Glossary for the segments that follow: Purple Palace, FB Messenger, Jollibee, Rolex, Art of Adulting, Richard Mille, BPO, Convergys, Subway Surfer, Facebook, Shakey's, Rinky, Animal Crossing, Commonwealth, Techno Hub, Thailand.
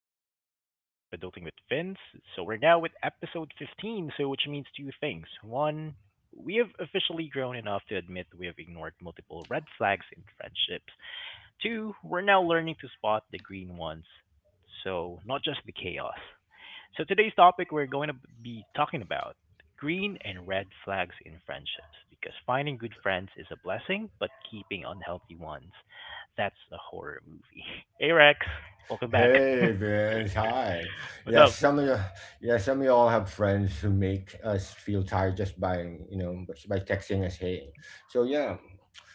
Welcome back to the Art of Adulting with Vince. We're now with episode 15, so which means two things. One, we have officially grown enough to admit we have ignored multiple red flags in friendships. Two, we're now learning to spot the green ones, so not just the chaos. So today's topic, we're going to be talking about green and red flags in friendships, because finding good friends is a blessing, but keeping unhealthy ones, that's a horror movie. Hey Rex, welcome back. Hey, Vince. Hi. What's Yeah, up? Some of y'all have friends who make us feel tired just by, just by texting us. Hey. So yeah,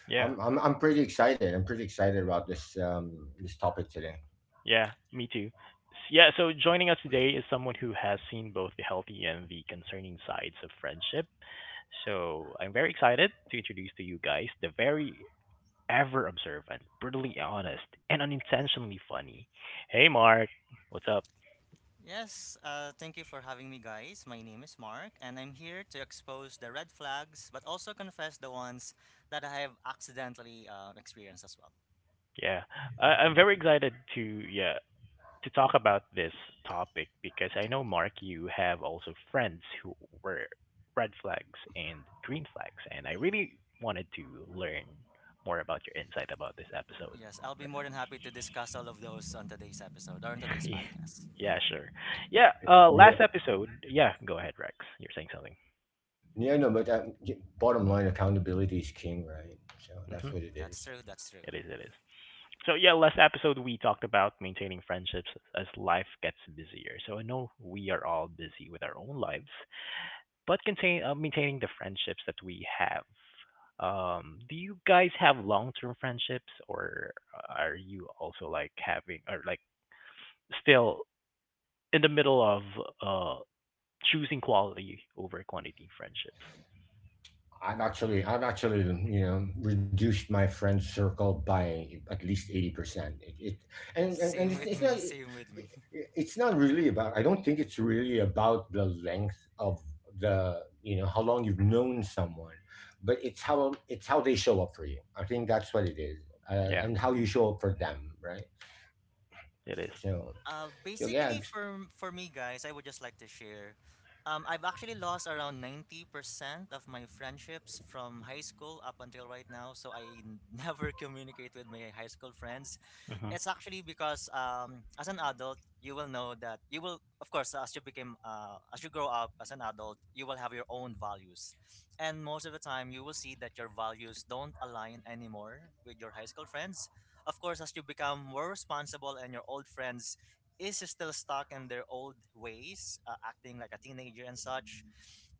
Yeah, I'm pretty excited. I'm pretty excited about this topic today. yeah, me too. Yeah, so joining us today is someone who has seen both the healthy and the concerning sides of friendship. So I'm very excited to introduce to you guys the very ever observant, brutally honest, and unintentionally funny. Hey, Mark, what's up? Yes, thank you for having me, guys. My name is Mark, and I'm here to expose the red flags, but also confess the ones that I have accidentally experienced as well. Yeah, I'm very excited to, yeah, to talk about this topic, because I know, Mark, you have also friends who were red flags and green flags, and I really wanted to learn more about your insight about this episode. Yes, I'll be more than happy to discuss all of those on today's episode or on today's podcast. Yeah, sure. Yeah, last Yeah. episode, yeah, go ahead, Rex. You're saying something. Yeah. No, but bottom line, accountability is king, right? So that's Hmm. what it That's is. true, that's true. It is, it is. So, yeah, last episode we talked about maintaining friendships as life gets busier. So I know we are all busy with our own lives, but contain maintaining the friendships that we have. Do you guys have long-term friendships, or are you also like having, or like still in the middle of uh choosing quality over quantity friendships? I've actually, reduced my friend circle by at least 80%. It, it, and Same it's with not, me, it, same with me. it's not really about. I don't think it's really about the length of how long you've known someone, but it's how they show up for you. I think that's what it is, uh, Yeah, and how you show up for them, right? it is. So, so yeah, Basically, for me, guys, I would just like to share. I've actually lost around 90% of my friendships from high school up until right now. So I never communicate with my high school friends. Mhm. It's actually because as an adult, you will know that you will, of course, as you grow up as an adult, you will have your own values, and most of the time, you will see that your values don't align anymore with your high school friends. Of course, as you become more responsible and your old friends is still stuck in their old ways, acting like a teenager and such,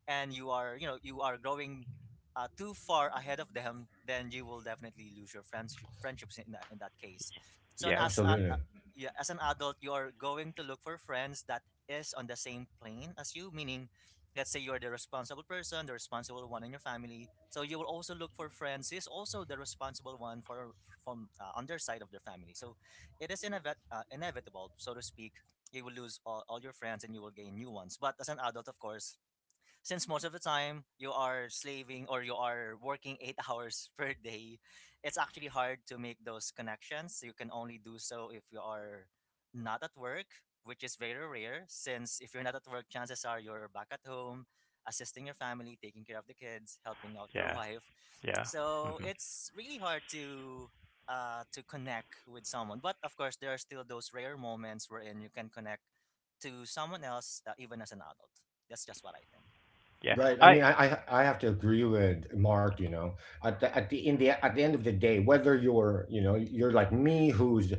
and you are growing too far ahead of them, then you will definitely lose your friendships in that case. So and Yeah, as an absolutely. Yeah, as an adult, you are going to look for friends that is on the same plane as you, meaning let's say you're the responsible person, the responsible one in your family. So you will also look for friends who is also the responsible one for from on their side of their family. So it is inevitable, so to speak. You will lose all your friends and you will gain new ones. But as an adult, of course, since most of the time you are slaving or you are working 8 hours per day, it's actually hard to make those connections. You can only do so if you are not at work, which is very rare. Since if you're not at work, chances are you're back at home, assisting your family, taking care of the kids, helping out your yeah, wife. yeah. So Mhm. it's really hard to connect with someone. But of course, there are still those rare moments wherein you can connect to someone else, even as an adult. That's just what I think. Yeah, Right. I I mean, I have to agree with Mark. At the end of the day, whether you're like me, who's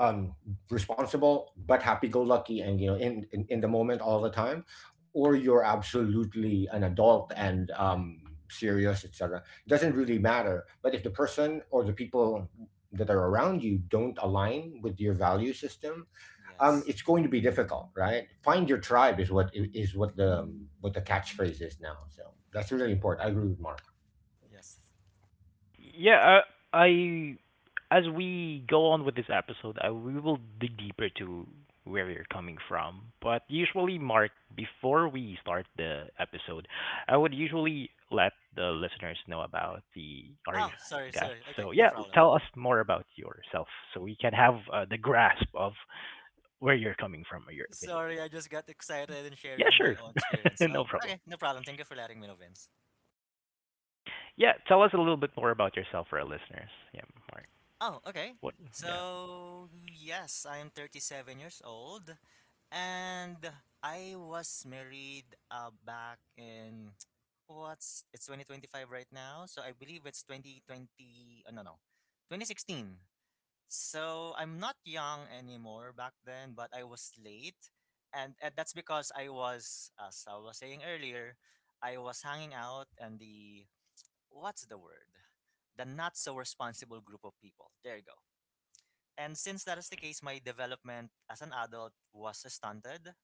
um responsible but happy-go-lucky and in, in the moment all the time, or you're absolutely an adult and serious, etc. It doesn't really matter. But if the person or the people that are around you don't align with your value system, Yes. it's going to be difficult, right? Find your tribe is what the catchphrase is now. So that's really important. I agree with Mark. Yes. Yeah, I as we go on with this episode, we will dig deeper to where you're coming from. But usually, Mark, before we start the episode, I would usually let the listeners know about the our Oh, sorry, guests. sorry. Okay, So no yeah, problem. tell us more about yourself, so we can have the grasp of where you're coming from or your opinion. Sorry, I just got excited and Yeah, sharing my sure, own experience. no So, problem. okay, no problem. Thank you for letting me know, Vince. Yeah, tell us a little bit more about yourself for our listeners. Yeah, Mark. Oh, okay. What? Yeah. So, yes, I am 37 years old and I was married back in what's — it's 2025 right now. So, I believe it's 2020. Oh, no, no. 2016. So I'm not young anymore back then, but I was late, and that's because I was, as I was saying earlier, I was hanging out and the what's the word, the not so responsible group of people. There you go. And since that is the case, my development as an adult was stunted.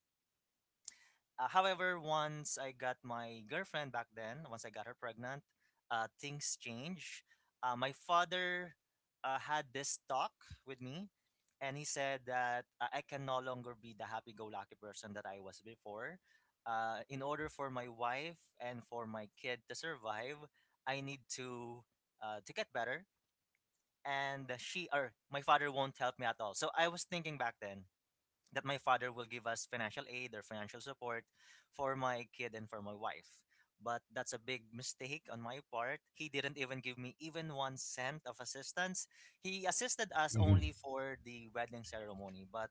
However, once I got my girlfriend back then, once I got her pregnant, things changed. My father had this talk with me, and he said that I can no longer be the happy go lucky person that I was before. In order for my wife and for my kid to survive, I need to get better. And she or my father won't help me at all. So I was thinking back then, that my father will give us financial aid or financial support for my kid and for my wife. But that's a big mistake on my part. He didn't even give me even 1 cent of assistance. He assisted us Hmm. only for the wedding ceremony, but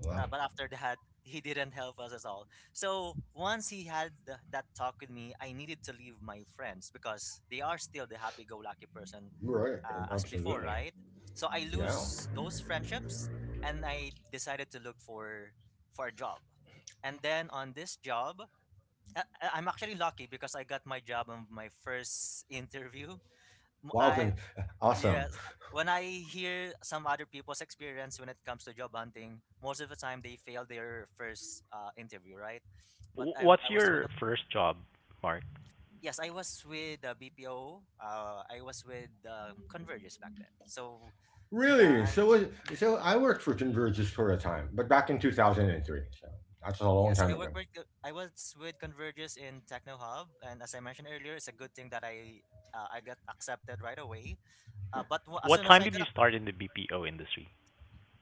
Wow. After that he didn't help us at all. So once he had that talk with me, I needed to leave my friends because they are still the happy-go-lucky person, Right. As before, Absolutely. right? So I Yeah. lose those friendships and I decided to look for a job. And then on this job, I'm actually lucky because I got my job on my first interview. M- Wow. I Awesome. Yes. When I hear some other people's experience when it comes to job hunting, most of the time they fail their first interview, right? But What's I was one your of first job, Mark? Yes, I was with the BPO. I was with Convergys back then. So Really. I'm So I worked for Convergys for a time, but back in 2003. So that's a Yeah. long So time I ago. I was with Convergys in Techno Hub, and as I mentioned earlier, it's a good thing that I got accepted right away. But w- as What soon as time I did you got start in the BPO industry?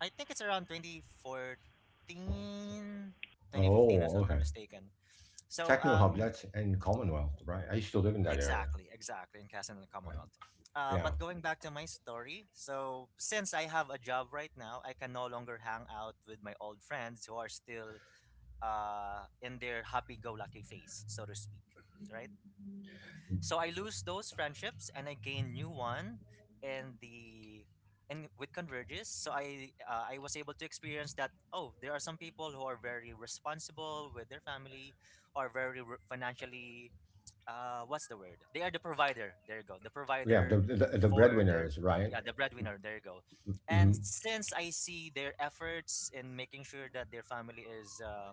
I think it's around 2014, 2015, if Oh, I'm not okay. mistaken. So, Techno Hub. um, That's in Commonwealth, right? I used to live in that area. exactly, exactly, in Castle Right. Commonwealth. Yeah. But going back to my story, so since I have a job right now, I can no longer hang out with my old friends who are still in their happy-go-lucky phase, so to speak, right? So I lose those friendships and I gain new one in the and with Converges. So I was able to experience that, oh, there are some people who are very responsible with their family, or very financially what's the word? They are the provider. There you go. The Yeah. The provider the, the for their breadwinners, right? yeah, the breadwinner. There you go. And Hmm. since I see their efforts in making sure that their family is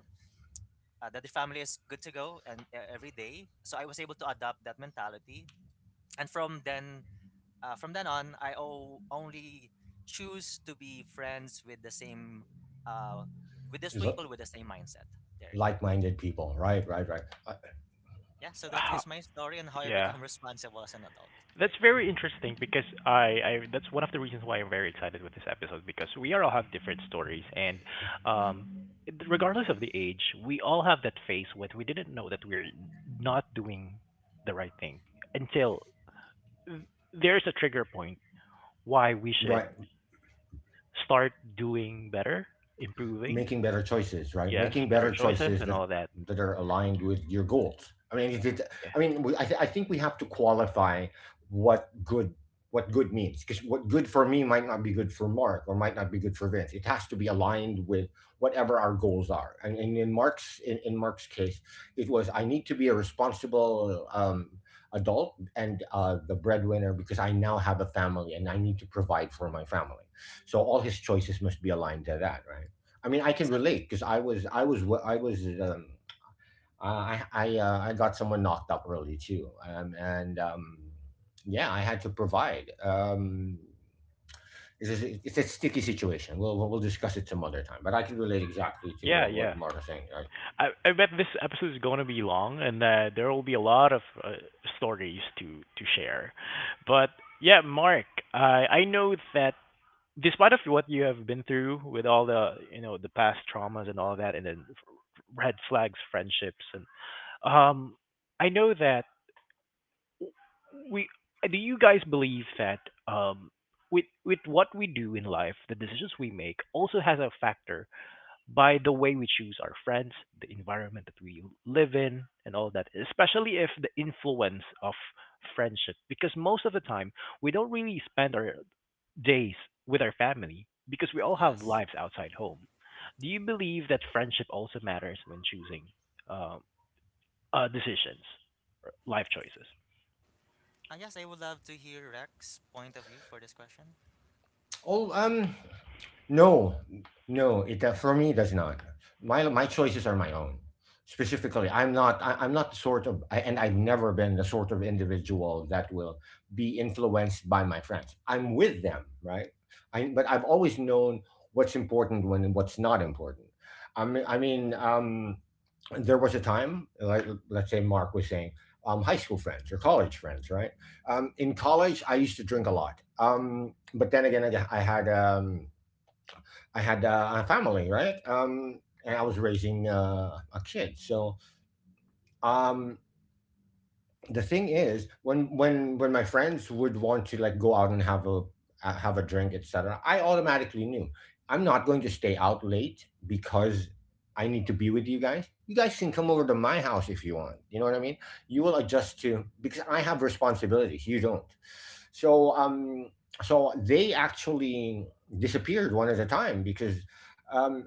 that the family is good to go and every day, so I was able to adopt that mentality, and from then on only choose to be friends with the same, uh, with those people with the same mindset. There you go. Like-minded people, right? Right. Right. Yeah, so that Ha- is my story on how I yeah. become responsible as an adult. There you That's go. very interesting because I that's one of the reasons why I'm very excited with this episode, because we all have different stories, and um regardless of the age, we all have that phase when we didn't know that we're not doing the right thing until there's a trigger point why we should Right. start doing better, improving. Making better choices, right? Yes, Making better better choices choices and that all that. that are aligned with your goals. I mean, Yeah. I think we have to qualify what good what good means, because what good for me might not be good for Mark or might not be good for Vince. It has to be aligned with whatever our goals are. And in Mark's case, it was I need to be a responsible adult and the breadwinner, because I now have a family and I need to provide for my family. So all his choices must be aligned to that, right? I mean, I yes can uh, relate because I was, wo- I was, I got someone knocked up early too, um, and um, yeah, I had to provide. It's a sticky situation. We'll discuss it some other time. But I can relate exactly to Yeah, what yeah. Mark is saying. Right? I bet this episode is going to be long, and there will be a lot of stories to share. But yeah, Mark, I know that despite of what you have been through with all the, you know, the past traumas and all that, and then red flags, friendships, and um, I know that we do you guys believe that um with what we do in life, the decisions we make also has a factor by the way we choose our friends, the environment that we live in, and all that, especially if the influence of friendship. Because most of the time, we don't really spend our days with our family, because we all have yes lives outside home. Do you believe that friendship also matters when choosing uh, decisions, or life choices? uh, yes I would love to hear Rex's point of view for this question. Oh, no, no. It for me, it does not. My choices are my own. Specifically, I'm not. I'm not the sort of, and I've never been the sort of individual that will be influenced by my friends. I'm with them, right? But I've always known what's important when and what's not important. I mean, there was a time, like let's say Mark was saying, high school friends or college friends, right? In college, I used to drink a lot, but then again, I had a family, right? And I was raising a kid, so um, the thing is, when when my friends would want to like go out and have a drink, etc., I automatically knew I'm not going to stay out late because I need to be with you guys. You guys can come over to my house if you want. You know what I mean. You will adjust to, because I have responsibilities. You don't. So um so they actually disappeared one at a time, because um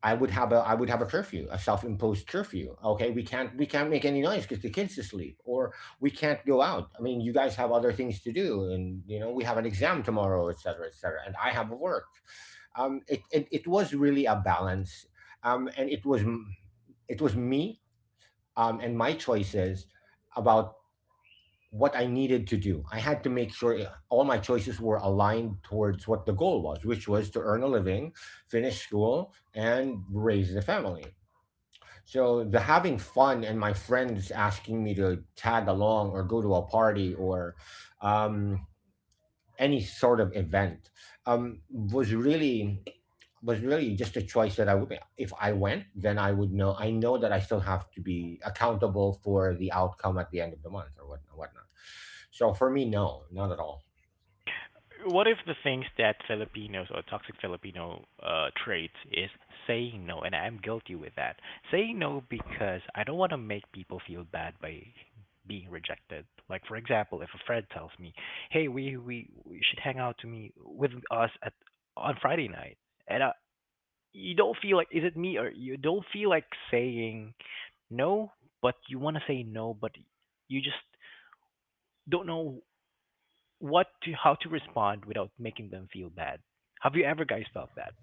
I would have a curfew, a self-imposed curfew. Okay, we can't make any noise because the kids is asleep, or we can't go out. I mean, you guys have other things to do, and you know we have an exam tomorrow, et cetera, and I have work. It was really a balance, and it was me, and my choices about what I needed to do. I had to make sure all my choices were aligned towards what the goal was, which was to earn a living, finish school, and raise the family. So the having fun and my friends asking me to tag along or go to a party or um, any sort of event, was really just a choice that I would if I went, then I would know that I still have to be accountable for the outcome at the end of the month or whatnot. So for me, no, not at all. What if the things that Filipinos or toxic Filipino traits is saying no, and I'm guilty with that. Saying no because I don't want to make people feel bad by being rejected. Like for example, if a friend tells me, "Hey, we should hang out to me with us at on Friday night," and I, you don't feel like, is it me or you don't feel like saying no, but you want to say no, but you just don't know what to how to respond without making them feel bad. Have you ever guys felt that?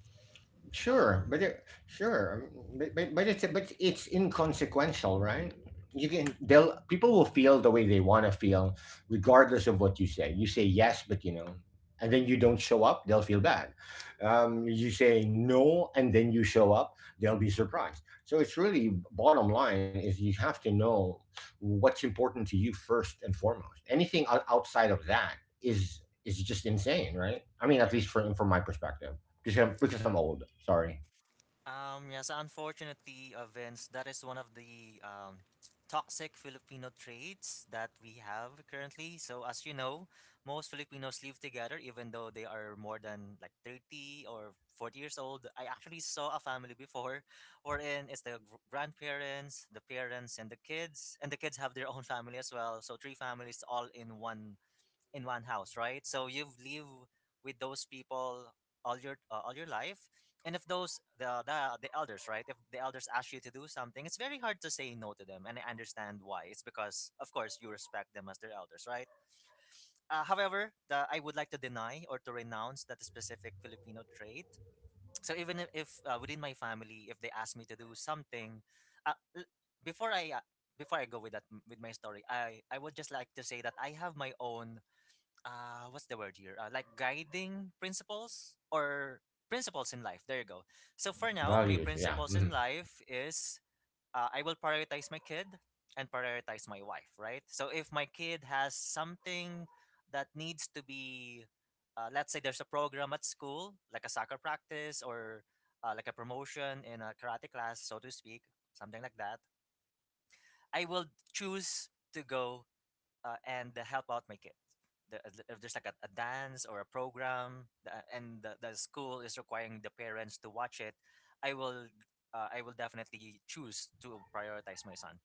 Sure, but um it, sure, um, but it's inconsequential, right? You can they'll people will feel the way they want to feel, regardless of what you say. You say yes, but and then you don't show up, they'll feel bad. You say no, and then you show up, they'll be surprised. So it's really, bottom line is, you have to know what's important to you first and foremost. Anything outside of that is just insane, right? I mean, at least from my perspective, because I'm old. Sorry, yes, unfortunately, Vince, that is one of the toxic Filipino traits that we have currently. So, as you know, most Filipinos live together even though they are more than like 30 or 40 years old. I actually saw a family before wherein it's the grandparents, the parents, and the kids. And the kids have their own family as well. So, three families all in one house, right? So you've lived with those people all your life, and if those the elders, right? If the elders ask you to do something, it's very hard to say no to them, and I understand why. It's because, of course, you respect them as their elders, right? However, I would like to deny or to renounce that specific Filipino trait. So even if, within my family, if they ask me to do something, uh, l- before I uh, before I go with that with my story, I would just like to say that I have my own, what's the word here, like guiding principles, or principles in life. There you go. So for now my values. Yeah, principles in mhm. life is, I will prioritize my kid and prioritize my wife, right? So if my kid has something that needs to be, let's say there's a program at school like a soccer practice, or like a promotion in a karate class, so to speak, something like that, I will choose to go and help out my kids. If there's like a dance or a program, and the school is requiring the parents to watch it, I will I will definitely choose to prioritize my son.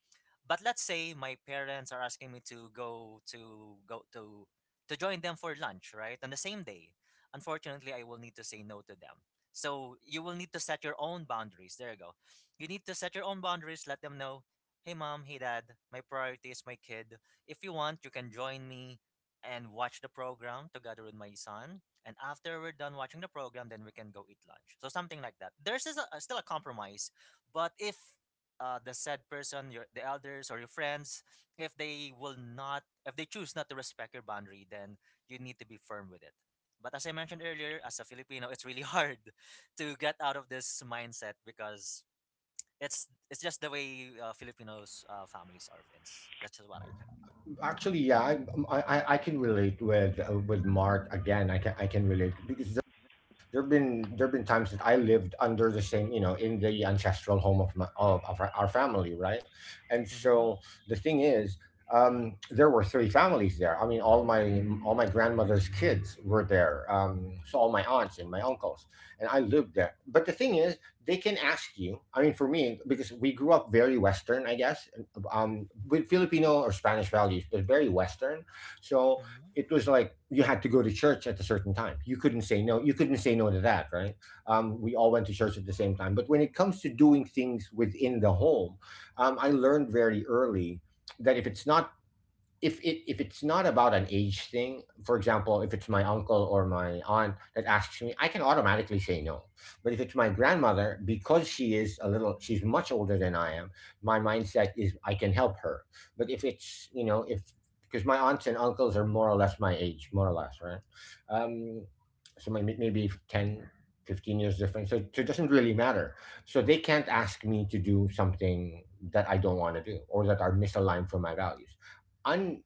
But let's say my parents are asking me to go to go to join them for lunch, right? On the same day. Unfortunately, I will need to say no to them. So you will need to set your own boundaries. There you go. You need to set your own boundaries, let them know, "Hey mom, hey dad, my priority is my kid. If you want, you can join me and watch the program together with my son. And after we're done watching the program, then we can go eat lunch." So something like that. There's is a, still a compromise, but if the said person, your the elders or your friends, if they will not, if they choose not to respect your boundary, then you need to be firm with it. But as I mentioned earlier, as a Filipino, it's really hard to get out of this mindset because it's just the way Filipinos families are, Vince. That's just what I think. Actually, yeah, I can relate with Mark again. I can relate because there've been times that I lived under the same, you know, in the ancestral home of my of our family, right? And Mm-hmm. so the thing is, there were three families there. I mean, all my grandmother's kids were there. So all my aunts and my uncles, and I lived there. But the thing is, they can ask you. I mean, for me, because we grew up very Western, I guess, with Filipino or Spanish values, but very Western. So Mm-hmm. it was like you had to go to church at a certain time. You couldn't say no. You couldn't say no to that, right? We all went to church at the same time. But when it comes to doing things within the home, I learned very early that if it's not, if it's not about an age thing, for example, if it's my uncle or my aunt that asks me, I can automatically say no. But if it's my grandmother, because she's much older than I am. My mindset is I can help her. But if it's you know if because my aunts and uncles are more or less my age, more or less, right? Um, so maybe 10, 15 years difference. So it doesn't really matter. So they can't ask me to do something that I don't want to do or that are misaligned from my values. un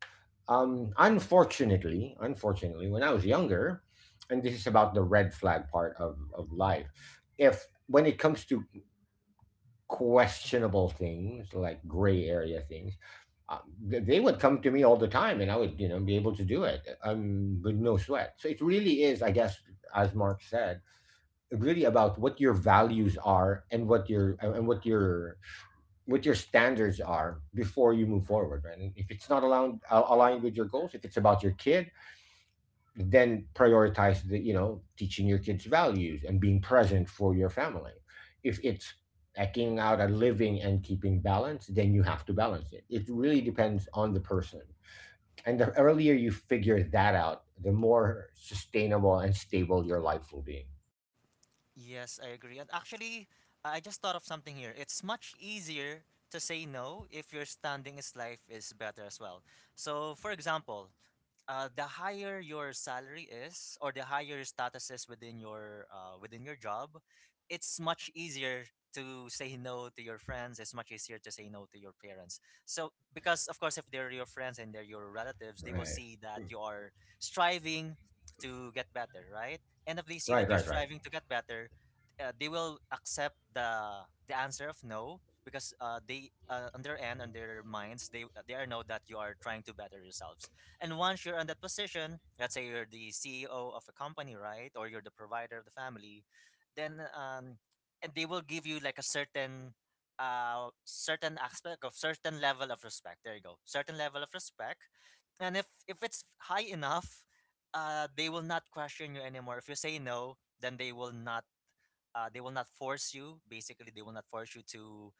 um unfortunately unfortunately when I was younger, and this is about the red flag part of life. If when it comes to questionable things, like gray area things, um, they would come to me all the time, and I would, be able to do it with no sweat. So it really is, I guess, as Mark said, really about what your values are and what your standards are before you move forward, right? And if it's not aligned with your goals, if it's about your kid, then prioritize the you know teaching your kids values and being present for your family. If it's eking out a living and keeping balance, then you have to balance it. It really depends on the person, and the earlier you figure that out, the more sustainable and stable your life will be. Yes, I agree. And actually, I just thought of something here. It's much easier to say no if your standing is life is better as well. So, for example, the higher your salary is or the higher your status is within your within your job, it's much easier to say no to your friends, it's much easier to say no to your parents. So because of course if they're your friends and they're your relatives, they will Right, see that you are striving to get better, right? And if they see that right, you're right, right. striving to get better, they will accept the answer of no, because they, on their end, on their minds, they are know that you are trying to better yourselves. And once you're in that position, let's say you're the CEO of a company, right? Or you're the provider of the family, then and they will give you like a certain certain aspect of certain level of respect. There you go. Certain level of respect. And if it's high enough, they will not question you anymore. If you say no, then they will not force you, basically they will not force you to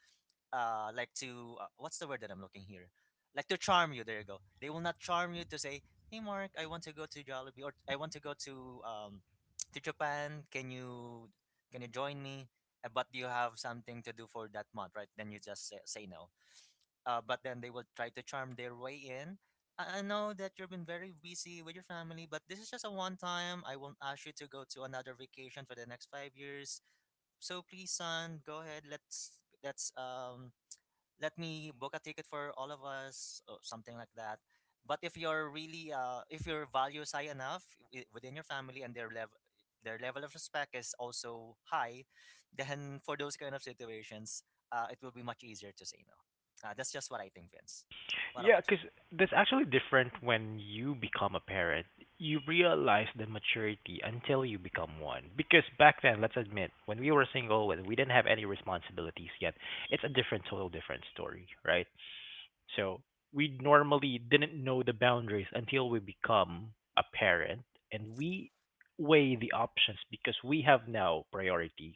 what's the word that I'm looking here? Like to charm you. There you go. They will not charm you to say, "Hey, Mark, I want to go to Jollibee, or I want to go to Japan. Can you join me?" But do you have something to do for that month, right? Then you just say no. But then they will try to charm their way in. I know that you've been very busy with your family, but this is just a one time. I won't ask you to go to another vacation for the next 5 years. So please, son, go ahead. Let's um let me book a ticket for all of us or something like that. But if you're really if your values high enough within your family, and their level of respect is also high, then for those kind of situations, it will be much easier to say no. That's just what I think, Vince. What Yeah, about you? because that's actually different when you become a parent. You realize the maturity until you become one. Because back then, let's admit, when we were single, when we didn't have any responsibilities yet, it's a different, total different story, right? So we normally didn't know the boundaries until we become a parent, and we weigh the options because we have now priorities,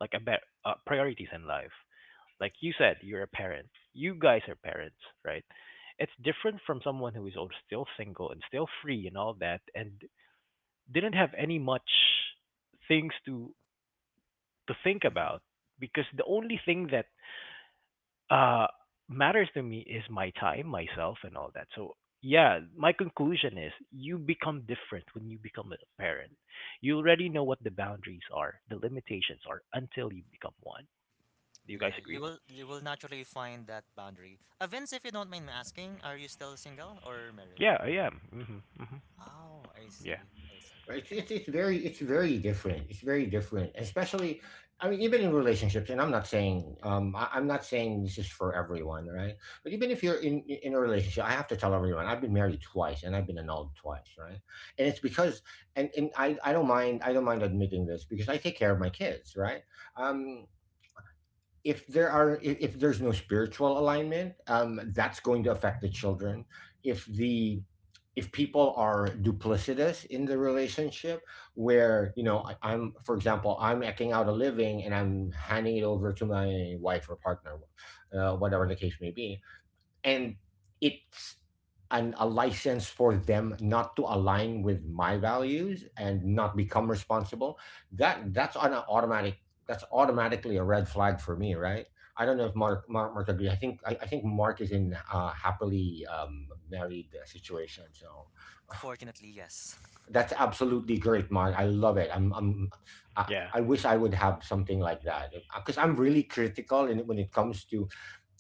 like a bet priorities in life. Like you said, you're a parent. You guys are parents, right? It's different from someone who is still single and still free and all that, and didn't have any much things to think Hmm. about, because the only thing that uh matters to me is my time, myself, and all that. So yeah, my conclusion is you become different when you become a parent. You already know what the boundaries are, the limitations are until you become one. Do you guys Yeah, agree? You will naturally find that boundary. Vince, if you don't mind me asking, are you still single or married? Yeah, I am. Mhm. Mhm. Oh, I Yeah. see, I see. Right? It's, Okay. it's very different. It's very different, especially. I mean, even in relationships, and I'm not saying, I'm not saying this is for everyone, right? But even if you're in a relationship, I have to tell everyone I've been married twice and I've been annulled twice, right? And it's because and I don't mind, admitting this, because I take care of my kids, right? Um, if there's no spiritual alignment, that's going to affect the children. if the if people are duplicitous in the relationship, where I'm for example I'm eking out a living and I'm handing it over to my wife or partner, whatever the case may be, and it's a license for them not to align with my values and not become responsible. That's on an automatic. That's automatically a red flag for me, right? I don't know if Mark agrees. I think Mark is in a happily married situation, so Fortunately, yes. that's absolutely great, Mark. I love it. I, Yeah. I wish I would have something like that, because I'm really critical when it comes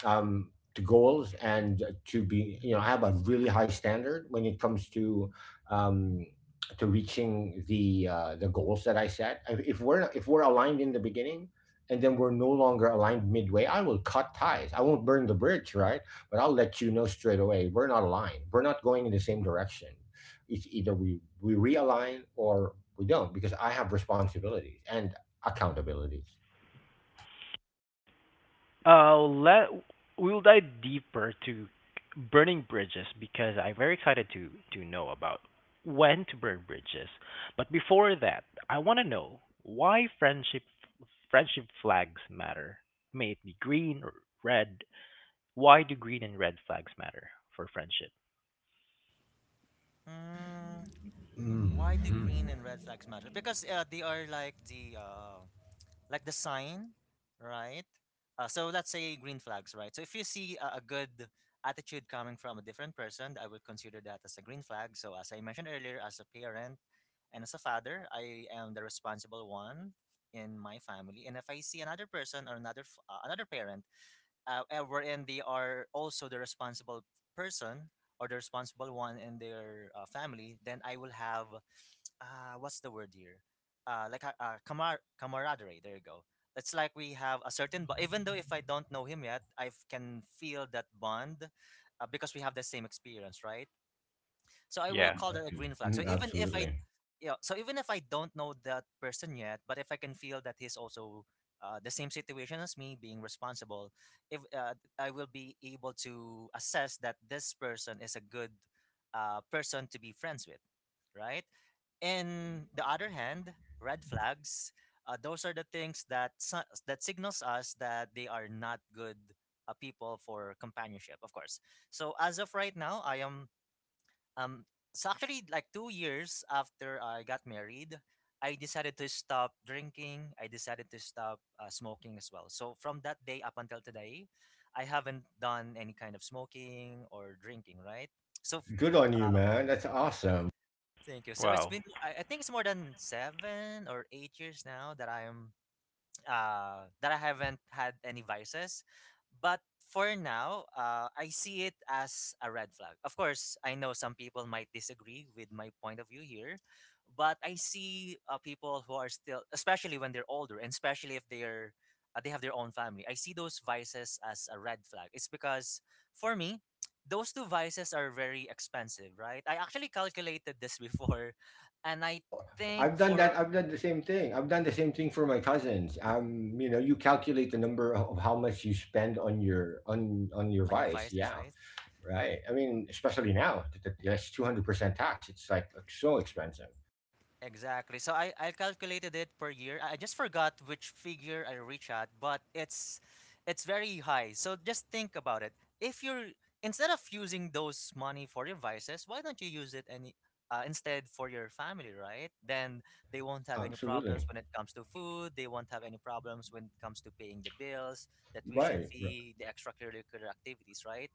to goals, and to be you know I have a really high standard when it comes um, to reaching the goals that I set. If we're aligned in the beginning, and then we're no longer aligned midway, I will cut ties. I won't burn the bridge, right? But I'll let you know straight away, we're not aligned. We're not going in the same direction. It's either we realign or we don't, because I have responsibilities and accountabilities. Let We'll dive deeper to burning bridges, because I'm very excited to know about when to burn bridges. But before that, I want to know why friendship flags matter. May it be green or red. Why do green and red flags matter for friendship? Mm. Why do Mhm. green and red flags matter? Because they are like the sign, right? So let's say green flags, right? So if you see a good attitude coming from a different person, I would consider that as a green flag. So as I mentioned earlier, as a parent and as a father, I am the responsible one in my family. And if I see another person or another another parent, wherein they are also the responsible person or the responsible one in their family, then I will have what's the word here? Uh, like a camaraderie. There you go. It's like we have a certain, but even though if I don't know him yet, I can feel that bond, because we have the same experience, right? So I will Yeah. call that a green flag. So Mm, even if I, absolutely. yeah, so even if I don't know that person yet, but if I can feel that he's also the same situation as me, being responsible, if I will be able to assess that this person is a good person to be friends with, right? In the other hand, red flags. Those are the things that that signals us that they are not good people for companionship. Of course. So as of right now, I am um, so actually, like 2 years after I got married, I decided to stop drinking. I decided to stop smoking as well. So from that day up until today, I haven't done any kind of smoking or drinking. Right. So, f- Good on you, uh, man. That's awesome. thank you. So it's Wow. been I think it's more than 7 or 8 years now that I am that I haven't had any vices. But for now, I see it as a red flag. Of course, I know some people might disagree with my point of view here, but I see people who are still, especially when they're older, and especially if they're they have their own family. I see those vices as a red flag. It's because for me, those two vices are very expensive, right? I actually calculated this before, and I Oh, think I've done that. for I've done the same thing. I've done the same thing for my cousins. You know, you calculate the number of how much you spend on your on your on your vice. vices, Yeah, right? right. I mean, especially now that that's 200% tax. It's like so expensive. Exactly. So I calculated it per year. I just forgot which figure I reach at, but it's very high. So just think about it. If you're instead of using those money for your vices, why don't you use it any instead for your family, right? Then they won't have any problems Absolutely. when it comes to food. They won't have any problems when it comes to paying the bills, the tuition Right. r- fee, the extracurricular activities, right?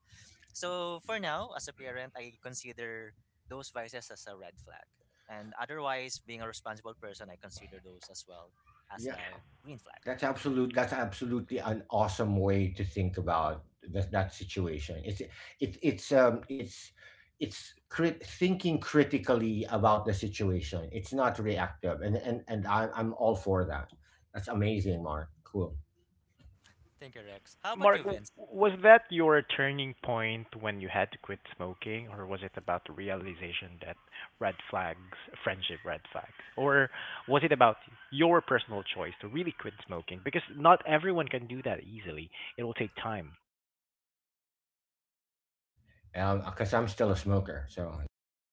So for now, as a parent, I consider those vices as a red flag. And otherwise, being a responsible person, I consider those as well as Yeah. a green flag. That's absolutely an awesome way to think about that situation. It's it's um it's it's thinking critically about the situation. It's not reactive, and I'm all for that. That's amazing, Mark. Cool. Thank you, Rex. How about you, Mark, Vince? was that your turning point when you had to quit smoking, or was it about the realization that red flags, friendship red flags, or was it about your personal choice to really quit smoking? Because not everyone can do that easily. It will take time. Because I'm still a smoker, so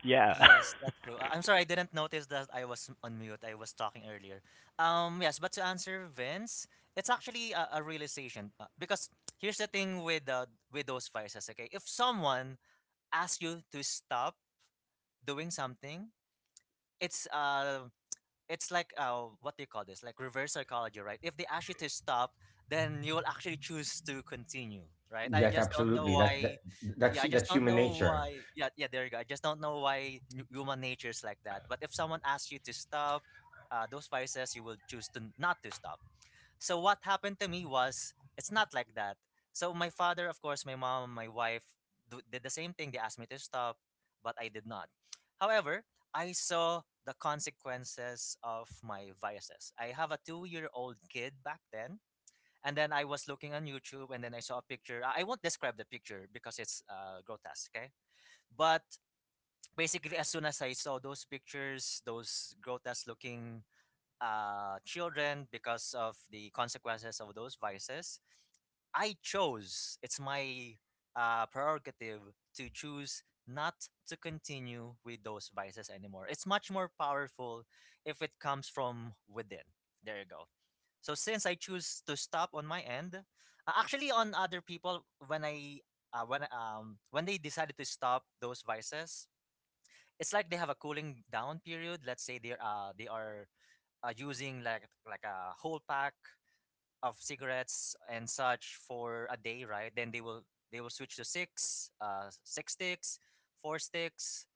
Yeah, Yes, that's true. I'm sorry, I didn't notice that I was on mute. I was talking earlier. Yes, but to answer Vince, it's actually a realization, because here's the thing with those vices. Okay, if someone asks you to stop doing something, it's uh it's like, what do you call this? Like reverse psychology, right? If they ask you to stop, then you will actually choose to continue, right? I that's just don't know absolutely that's why. that, Yeah, I just that's don't human know nature. why. Yeah, yeah, there you go. I just don't know why human nature is like that. But if someone asks you to stop, those vices you will choose to not to stop. So what happened to me was it's not like that. So my father, of course, my mom, my wife did the same thing. They asked me to stop, but I did not. However, I saw the consequences of my vices. I have a two-year-old kid back then, and then I was looking on YouTube, and then I saw a picture. I won't describe the picture because it's grotesque, okay? But basically, as soon as I saw those pictures, those grotesque-looking children because of the consequences of those vices. I chose, it's my prerogative to choose not to continue with those vices anymore. It's much more powerful if it comes from within. There you go. So since I choose to stop on my end, actually on other people when I when they decided to stop those vices, it's like they have a cooling down period. Let's say they are using like a whole pack of cigarettes and such for a day, right? Then they will switch to six sticks, four sticks,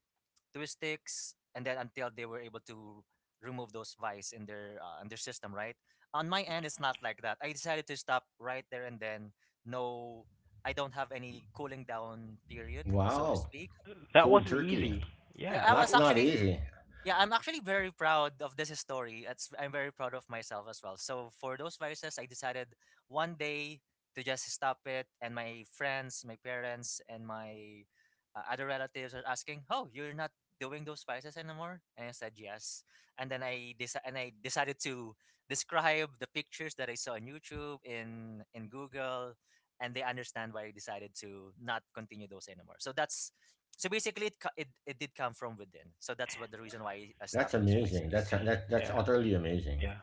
two sticks, and then until they were able to remove those vice in their system, right? On my end, it's not like that. I decided to stop right there and then. No, I don't have any cooling down period, so to Wow, speak. that cold wasn't turkey. easy. Yeah, Yeah, I that, was That's w- not actually, easy. yeah, I'm actually very proud of this story. It's, I'm very proud of myself as well. So for those vices, I decided one day to just stop it. And my friends, my parents, and my other relatives are asking, "Oh, you're not doing those vices anymore?" And I said yes. And I decided to describe the pictures that I saw on YouTube in Google, and they understand why I decided to not continue those anymore. So that's so basically it did come from within. So that's what the reason why I That's stopped those amazing. vices. That's yeah, utterly amazing. yeah.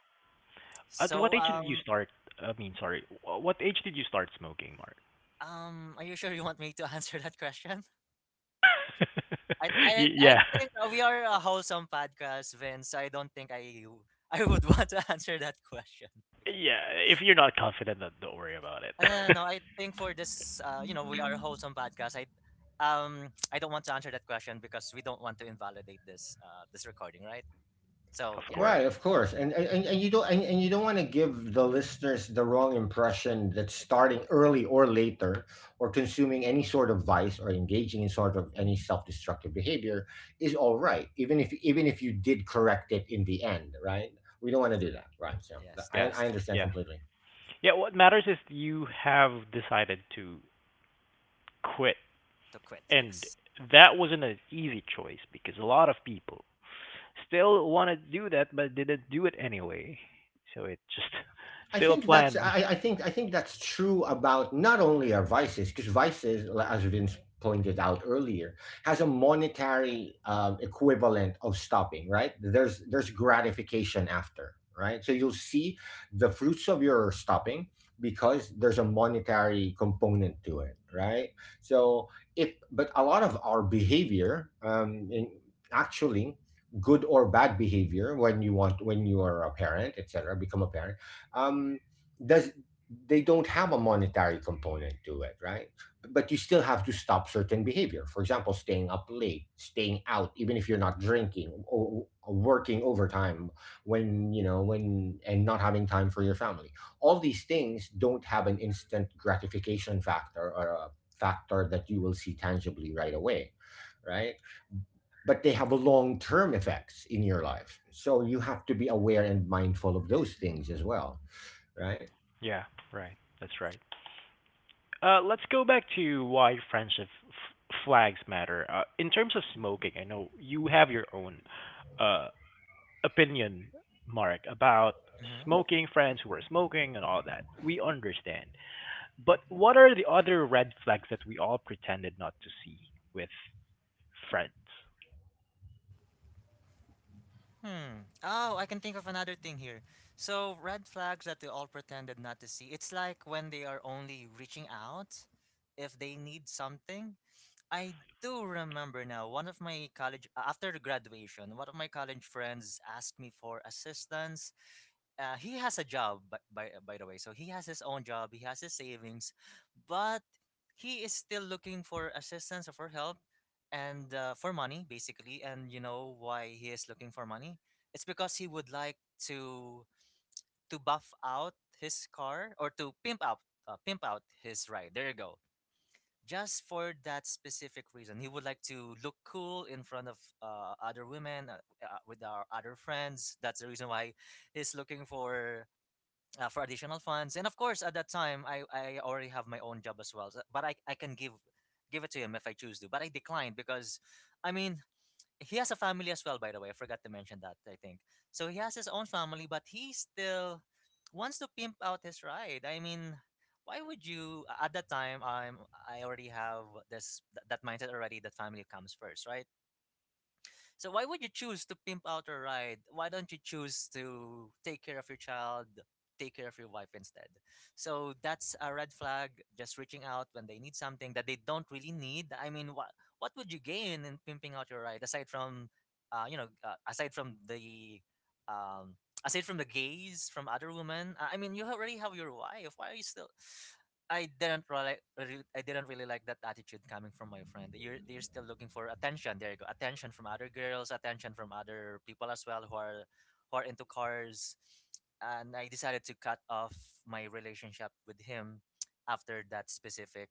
At So what age did you start? I mean, sorry, what age did you start smoking, Mark? Are you sure you want me to answer that question? I Yeah. think we are a wholesome podcast, Vince. I don't think I would want to answer that question. Okay. Yeah, if you're not confident, then don't worry about it. No, no, no, I think for this, you know, we are a wholesome podcast. I don't want to answer that question because we don't want to invalidate this, this recording, right? Of So yeah, course. Right, of course. And you don't and you don't want to give the listeners the wrong impression that starting exactly. early or later or consuming any sort of vice or engaging in sort of any self-destructive behavior is all right, even if you did correct it in the end, right? We don't want to do that, right? So Yes, that Yeah, is I true. understand yeah, completely. yeah. What matters is you have decided to quit, To quit, and yes. that wasn't an easy choice, because a lot of people still want to do that but didn't do it anyway. So it just I still a think that's plan. I think that's true about not only our vices, because vices, like, as Vince pointed out earlier, has a monetary equivalent of stopping. Right? There's gratification after. Right? So you'll see the fruits of your stopping, because there's a monetary component to it. Right? So if, but a lot of our behavior, actually, good or bad behavior when you are a parent, etc., become a parent, um, does they don't have a monetary component to it, right? But you still have to stop certain behavior. For example, staying up late, staying out, even if you're not drinking, or working overtime, when and not having time for your family. All these things don't have an instant gratification factor, or a factor that you will see tangibly right away, right? But they have a long-term effects in your life. So you have to be aware and mindful of those things as well, right? Yeah, right. That's right. Let's go back to why friendship flags matter. In terms of smoking, I know you have your own uh opinion, Mark, about Hmm. smoking, friends who are smoking, and all that. We understand. But what are the other red flags that we all pretended not to see with friends? Hmm. Oh, I can think of another thing here. So, red flags that they all pretended not to see. It's like when they are only reaching out if they need something. I do remember now, one of my college, after graduation, one of my college friends asked me for assistance. He has a job by the way, so he has his own job, he has his savings, but he is still looking for assistance or for help, and for money basically. And you know why he is looking for money? It's because he would like to buff out his car or to pimp out his ride, there you go. Just for that specific reason, he would like to look cool in front of other women, with our other friends. That's the reason why he's looking for additional funds. And of course, at that time, I already have my own job as well. But I can give it to him if I choose to. But I declined because, I mean, he has a family as well. By the way, I forgot to mention that. I think so. He has his own family, but he still wants to pimp out his ride. I mean, why would you? At that time, I already have that mindset already, that family comes first, right? So why would you choose to pimp out a ride? Why don't you choose to take care of your child, take care of your wife instead? So that's a red flag. Just reaching out when they need something that they don't really need. I mean, what would you gain in pimping out your ride aside from, you know, um, aside from the gaze from other women? I mean, you already have your wife. Why are you still? I didn't really like that attitude coming from my friend. You're still looking for attention, there you go. Attention from other girls, attention from other people as well who are into cars. And I decided to cut off my relationship with him after that specific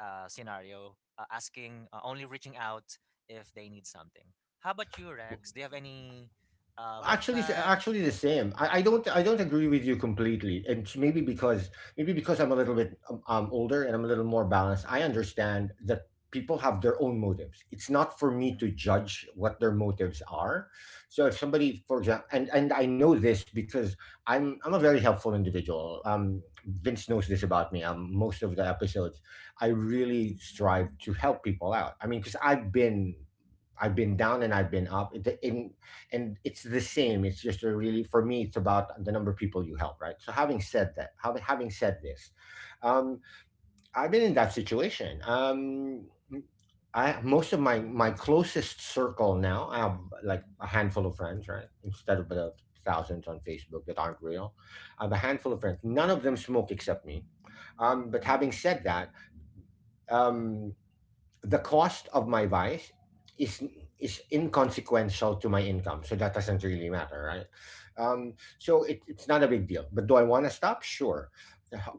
scenario, asking only reaching out if they need something. How about you, Rex? Do you have any red Actually, flags? actually the same. I don't agree with you completely, and it's maybe because I'm a little bit older, and I'm a little more balanced. I understand that people have their own motives. It's not for me Hmm. to judge what their motives are. So if somebody, for example, and I know this because I'm a very helpful individual. Vince knows this about me. Most of the episodes, I really strive to help people out. I mean, because I've been down and I've been up. It and it's the same, it's just a really, for me, it's about the number of people you help, right? So having said that, having said this, um, I've been in that situation. I, most of my closest circle, now I have like a handful of friends, right? Instead of the thousands on Facebook that aren't real, I have a handful of Hmm. friends. None of them smoke except me. But having said that, um the cost of my vice is is inconsequential to my income, so that doesn't really matter, right? Um, so it's not a big deal, but do I want to stop? Sure.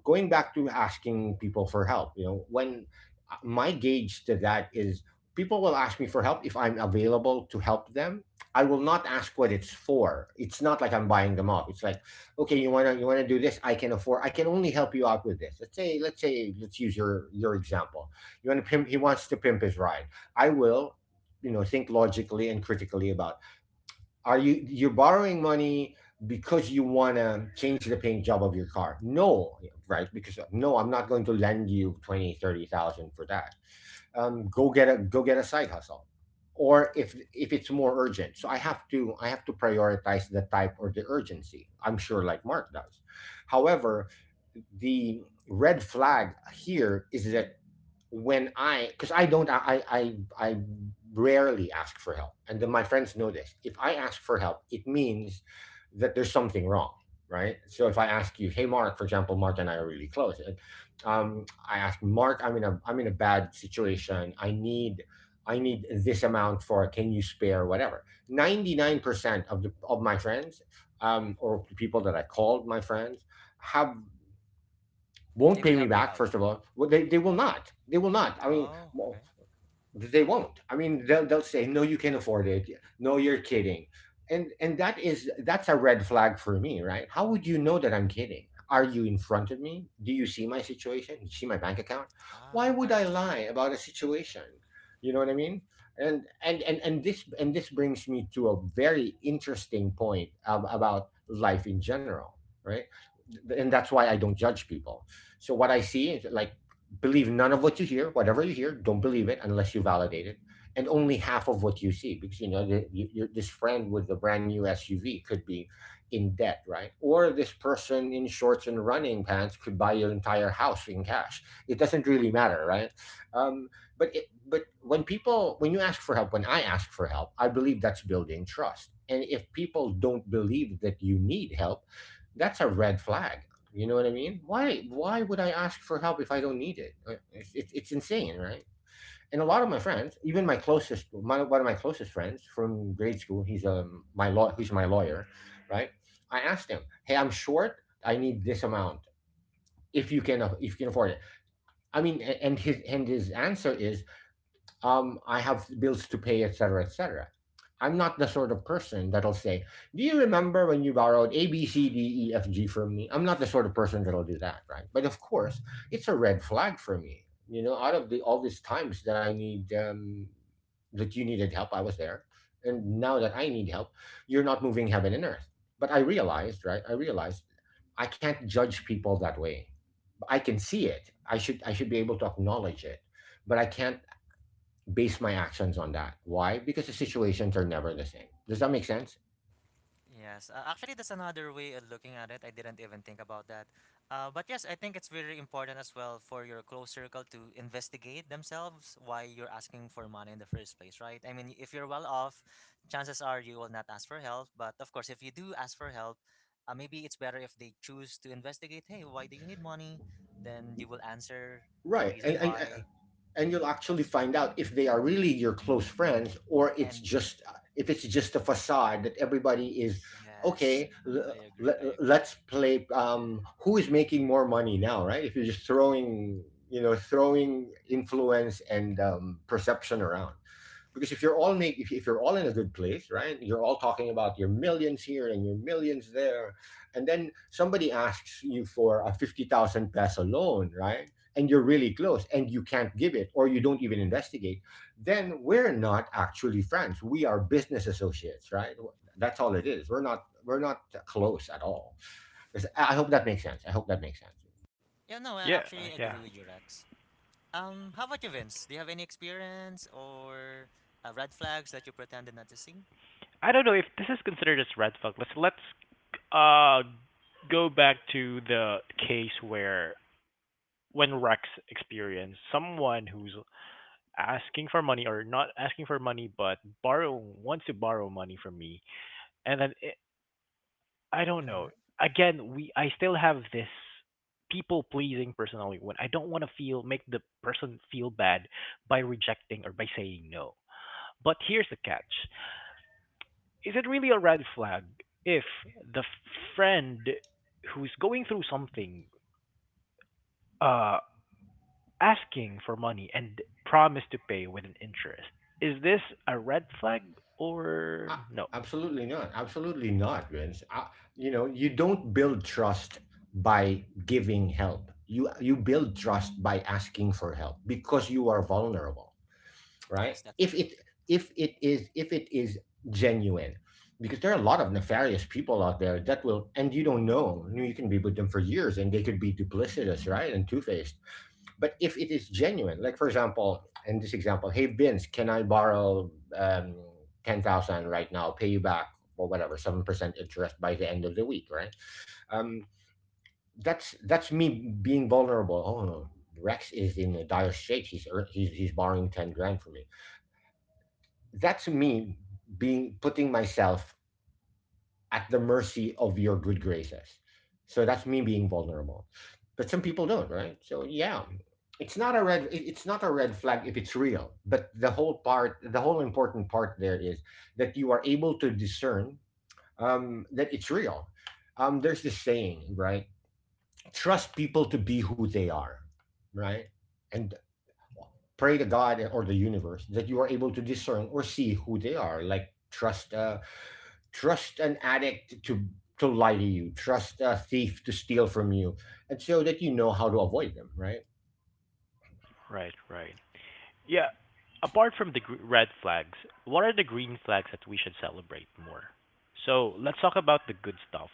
Going back to asking people for help, you know, when my gauge to that is, people will ask me for help, if I'm available to help them, I will not ask what it's for. It's not like I'm buying them off. It's like, okay, you want to do this, I can afford, I can only help you out with this. Let's say let's say let's use your example. You want to pimp, He wants to pimp his ride. I will, you know, think logically and critically about, are you, you're borrowing money because you want to change the paint job of your car? No, right? Because no, I'm not going to lend you 20, 30,000 for that. Go get a side hustle. Or if it's more urgent. So I have to prioritize the type or the urgency. I'm sure like Mark does. However, the red flag here is that, because I don't, I rarely ask for help, and then my friends know this. If I ask for help, it means that there's something wrong, right? So if I ask you, hey Mark, for example, Mark and I are really close, and I ask Mark, I'm in a bad situation. I need this amount for. Can you spare whatever? 99% of the of my friends, or people that I called my friends, have won't They will pay me help you back. out. First of all, well, they will not. They will not. I mean, Oh, okay. they won't. I mean, they'll say, no, you can afford it, no, you're kidding. And that's a red flag for me, right? How would you know that I'm kidding? Are you in front of me? Do you see my situation? You see my bank account? Why Ah, would that I is true. lie about a situation? You know what I mean? And this, brings me to a very interesting point about life in general, right? And that's why I don't judge people. So what I see is like, believe none of what you hear, whatever you hear, don't believe it unless you validate it, and only half of what you see, because you know this friend with the brand new SUV could be in debt, right? Or this person in shorts and running pants could buy your entire house in cash. It doesn't really matter, right? um, but, but when you ask for help, when I ask for help, I believe that's building trust, and if people don't believe that you need help, that's a red flag. You know what I mean? Why would I ask for help if I don't need it? It's insane, right? And a lot of my friends, even one of my closest friends from grade school, he's my lawyer, right? I asked him, "Hey, I'm short. I need this amount. If you can afford it." I mean, and his answer is, I have bills to pay, etc., etc. I'm not the sort of person that'll say, "Do you remember when you borrowed A, B, C, D, E, F, G from me?" I'm not the sort of person that'll do that, right? But of course, it's a red flag for me. You know, out of the all these times that you needed help, I was there, and now that I need help, you're not moving heaven and earth. But I realized, right? I realized I can't judge people that way. I can see it. I should be able to acknowledge it, but I can't base my actions on that. Why? Because the situations are never the same. Does that make sense? Yes, actually, that's another way of looking at it. I didn't even think about that. But yes, I think it's very important as well for your close circle to investigate themselves why you're asking for money in the first place, right? I mean, if you're well off, chances are you will not ask for help. But of course, if you do ask for help, maybe it's better if they choose to investigate, hey, why do you need money? Then you will answer the Right. And, reason and, why. and you'll Yeah, actually that's true. find out if they are really your close friends, or it's And just if it's just a facade that everybody is yes, okay l- I agree. I l- agree. Let's play who is making more money now, right? If you're just throwing throwing influence and perception around, because if you're all make if you're all in a good place, right, you're all talking about your millions here and your millions there, and then somebody asks you for a 50,000 peso loan, right, and you're really close and you can't give it, or you don't even investigate, then we're not actually friends. We are business associates, right? That's all it is. We're not close at all. I hope that makes sense. I hope that makes sense. Yeah, no, I Yeah, actually agree yeah. with you, Rex. How about you, Vince? Do you have any experience or red flags that you pretended not to see? I don't know if this is considered as red flag. Let's uh go back to the case where when Rex experienced someone who's asking for money, or not asking for money but borrow, wants to borrow money from me, and I don't know. Hmm. Again, we I still have this people pleasing personality when I don't want to feel make the person feel bad by rejecting or by saying no. But here's the catch. Is it really a red flag if the friend who's going through something uh asking for money and promise to pay with an interest? Is this a red flag or A- no? Absolutely not. Absolutely not, Vince. You know, you don't build trust by giving help. You build trust by asking for help because you are vulnerable, right? Yes, that's true. If it is genuine, because there are a lot of nefarious people out there that will, and you don't know. You can be with them for years and they could be duplicitous, right, and two faced. But if it is genuine, like for example, in this example, hey Vince, can I borrow um 10,000 right now, pay you back or whatever 7% interest by the end of the week, right? um that's me being vulnerable. Oh, Rex is in a dire strait, he's borrowing 10 grand from me. That's me being, putting myself at the mercy of your good graces. So that's me being vulnerable. But some people don't, right? So yeah, it's not a red flag if it's real. But the whole part, the whole important part there is that you are able to discern, that it's real. There's this saying, right? Trust people to be who they are, right? And pray to God or the universe that you are able to discern or see who they are. Like trust trust an addict to lie to you, trust a thief to steal from you, and so that you know how to avoid them, right? Right, right. Yeah. Apart from the red flags, what are the green flags that we should celebrate more? So let's talk about the good stuff.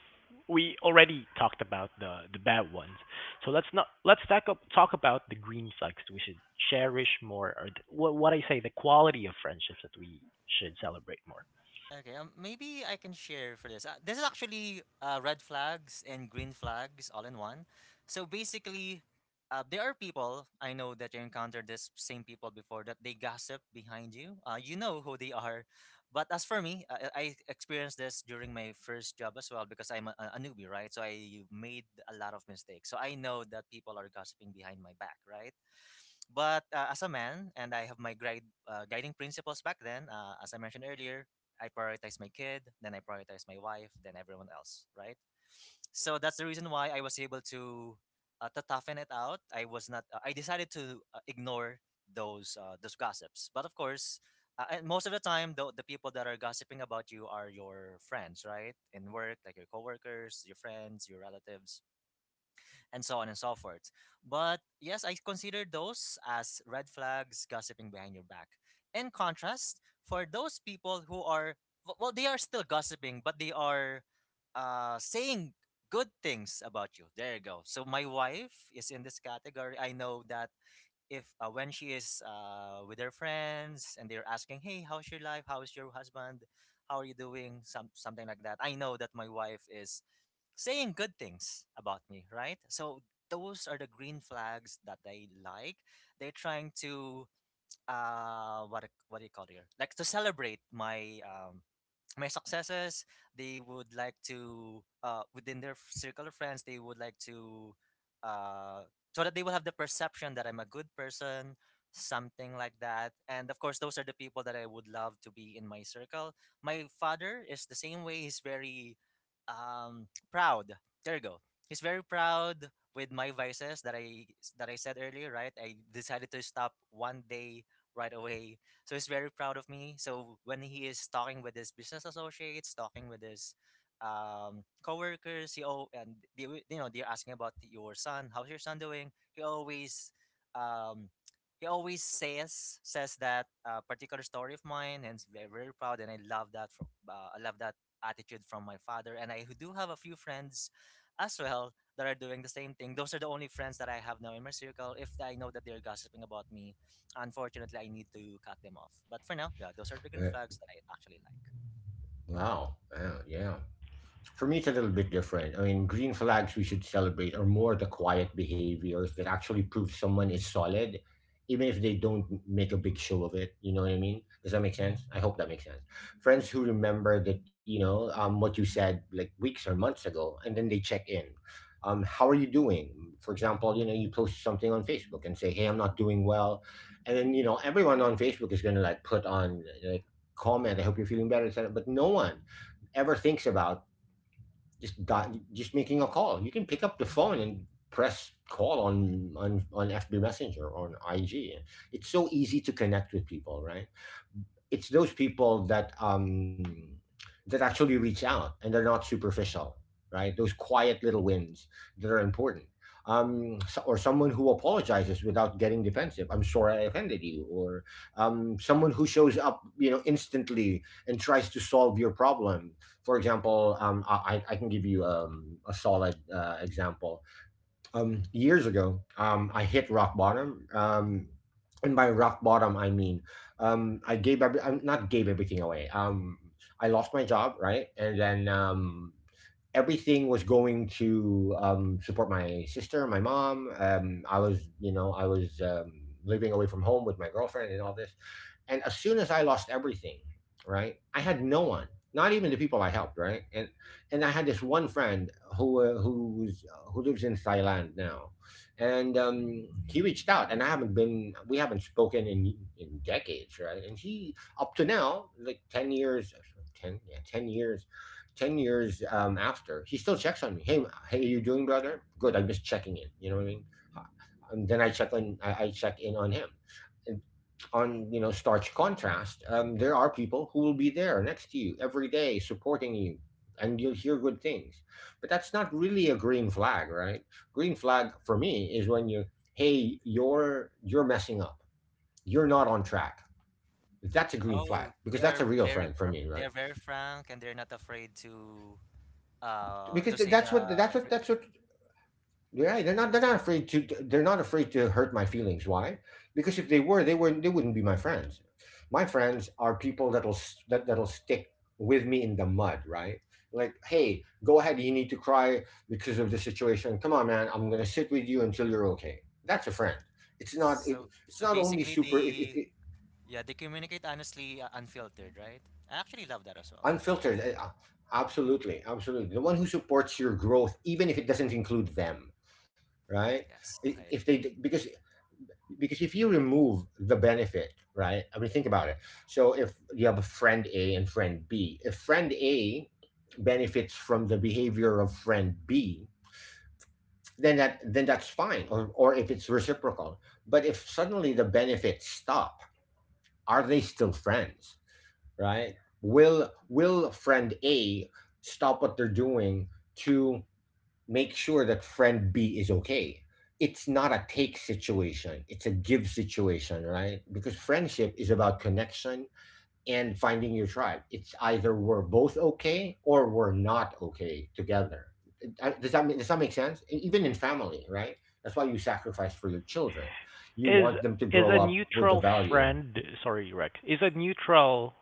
We already talked about the bad ones. So let's not let's talk about the green flags that we should cherish more, or what I say the quality of friendships that we should celebrate more. Okay, maybe I can share for this. This is actually red flags and green flags all in one. So basically, there are people I know that you encountered this same people before that they gossip behind you. You know who they are, but as for me, I experienced this during my first job as well because I'm a newbie, right? So I made a lot of mistakes. So I know that people are gossiping behind my back, right? But as a man, and I have my guiding principles back then, as I mentioned earlier, I prioritize my kid, then I prioritize my wife, then everyone else, right? So that's the reason why I was able to toughen it out. I was not. I decided to ignore those gossips. But of course, and most of the time, the people that are gossiping about you are your friends, right? In work, like your coworkers, your friends, your relatives, and so on and so forth. But yes, I consider those as red flags, gossiping behind your back. In contrast, for those people who are well, they are still gossiping, but they are saying good things about you, there you go. So my wife is in this category. I know that if when she is with her friends and they're asking, "Hey, how's your life? How's your husband? How are you doing?" Some, something like that. I know that my wife is saying good things about me, right? So those are the green flags that they like. They're trying to what do you call it here? Like to celebrate my my successes. They would like to within their circle of friends, they would like to, uh, so that they will have the perception that I'm a good person, something like that. And of course, those are the people that I would love to be in my circle. My father is the same way. He's very proud, there you go. He's very proud with my vices that I said earlier, right? I decided to stop one day, right away. So he's very proud of me. So when he is talking with his business associates, talking with his coworkers, he oh, and they, you know, they're asking about your son. How's your son doing? Um, he always says that particular story of mine, and is very, very proud. And I love that. I love that attitude from my father. And I do have a few friends as well that are doing the same thing. Those are the only friends that I have now in my circle. If I know that they're gossiping about me, unfortunately, I need to cut them off. But for now, yeah, those are the green Uh, flags that I actually like. wow, yeah, yeah. For me, it's a little bit different. I mean, green flags we should celebrate are more the quiet behaviors that actually prove someone is solid, even if they don't make a big show of it. You know what I mean? Does that make sense? I hope that makes sense. Friends who remember that, you know, what you said like weeks or months ago, and then they check in. How are you doing? For example, you know, you post something on Facebook and say, "Hey, I'm not doing well," and then, you know, everyone on Facebook is going to like put on like comment, "I hope you're feeling better," etc. But no one ever thinks about just making a call. You can pick up the phone and press call on FB Messenger on IG. It's so easy to connect with people, right? It's those people that that actually reach out and they're not superficial, right, those quiet little wins that are important. Or someone who apologizes without getting defensive, "I'm sorry I offended you," or someone who shows up, you know, instantly and tries to solve your problem. For example, I can give you a solid example. Hmm. Hmm. Years ago, I hit rock bottom. And by rock bottom, I mean, I gave every, I'm not, gave everything away. I lost my job, right, and then everything was going to support my sister, my mom. I was, you know, I was living away from home with my girlfriend and all this. And as soon as I lost everything, right, I had no one, not even the people I helped, right? And I had this one friend who who lives in Thailand now, and he reached out, and I haven't been we haven't spoken in decades, right? And he up to now, like 10 years, ten, yeah, 10 years, 10 years after, he still checks on me. Hey, hey, you doing, brother? Good. I'm just checking in. You know what I mean? And then I check in on him, on, you know, starch contrast. There are people who will be there next to you every day supporting you, and you'll hear good things, but that's not really a green flag, right? Green flag for me is when you, hey, you're messing up, you're not on track. That's a green flag Oh, because they that's are a real very friend for me, they right? are very frank, and they're not afraid because to th- say that's what that's what that's what Yeah, they're not. They're yes. not afraid to. They're not afraid to hurt my feelings. Why? Because if they were, they were. They wouldn't be my friends. My friends are people that'll that'll stick with me in the mud. Right? Like, hey, go ahead. You need to cry because of the situation. Come on, man. I'm gonna sit with you until you're okay. That's a friend. It's not. It, So it's so not only basically super. It, it, they, it yeah, they communicate honestly, unfiltered, right? I actually love that as well. unfiltered. Absolutely, absolutely. The one who supports your growth, even if it doesn't include them. Right? Yes, If I they Because if you remove the benefit, right? I mean, think about it. So if you have a friend A and friend B, if friend A benefits from the behavior of friend B, then that's fine, or if it's reciprocal. But if suddenly the benefits stop, are they still friends, right? Will friend A stop what they're doing to make sure that friend B is okay? It's not a take situation, it's a give situation, right? Because friendship is about connection and finding your tribe. It's either we're both okay or we're not okay together. Does that make sense? Even in family, right? That's why you sacrifice for your children. You Is want them to is grow a up with the neutral value. friend? Sorry, Rex. Is a neutral,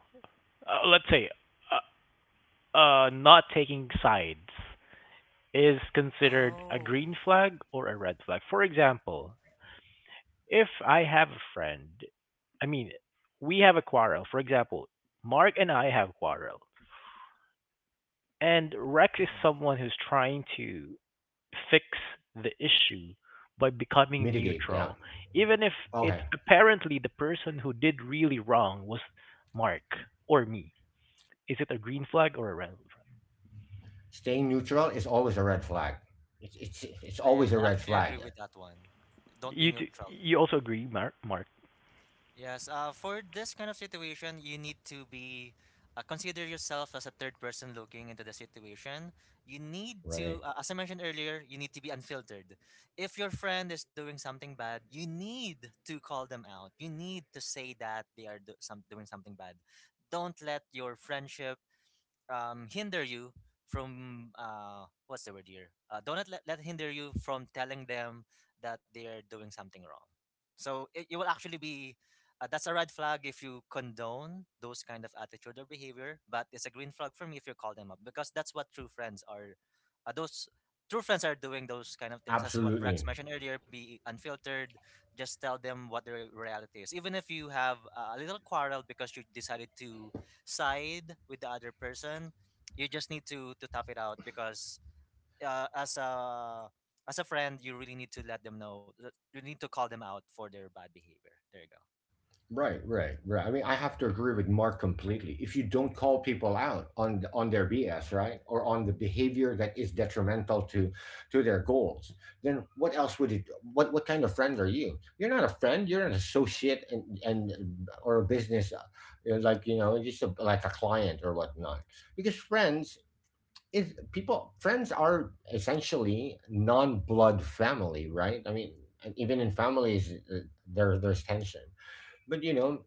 let's say, uh, not taking sides is considered a oh. green flag or a red flag. For example, if I have a friend, I mean, we have a quarrel. For example, Mark and I have quarrel, and Rex is Mhm. someone who's trying to fix the issue by becoming Mitigate, yeah. neutral, even if it's Okay. apparently the person who did really wrong was Mark or me. Is it a green flag or a red flag? Staying neutral is always a red flag. It's always a I red actually flag, agree with that one. Don't be neutral. You also agree, Mark? Mark? Yes, for this kind of situation, you need to be consider yourself as a third person looking into the situation. You need to, right? As I mentioned earlier, you need to be unfiltered. If your friend is doing something bad, you need to call them out. You need to say that they are doing something bad. Don't let your friendship hinder you from what's the word here? Don't let hinder you from telling them that they are doing something wrong. So it will actually be, that's a red flag if you condone those kind of attitude or behavior, but it's a green flag for me if you call them up because that's what true friends are. Those true friends are doing those kind of things, as what Rex Absolutely. mentioned earlier. Be unfiltered. Just tell them what the reality is, even if you have a little quarrel because you decided to side with the other person. You just need to tough it out because uh, as a as a friend, you really need to let them know you need to call them out for their bad behavior, there you go. Right, right, right, I mean, I have to agree with Mark completely. If you don't call people out on on their BS, right, or on the behavior that is detrimental to their goals, then what else would it? What kind of friend are you? You're not a friend. You're an associate and or a business, you know, like you know, just a, like a client or whatnot. Because friends is people. Friends are essentially non blood family, right? I mean, and even in families, there there's tension, but you know,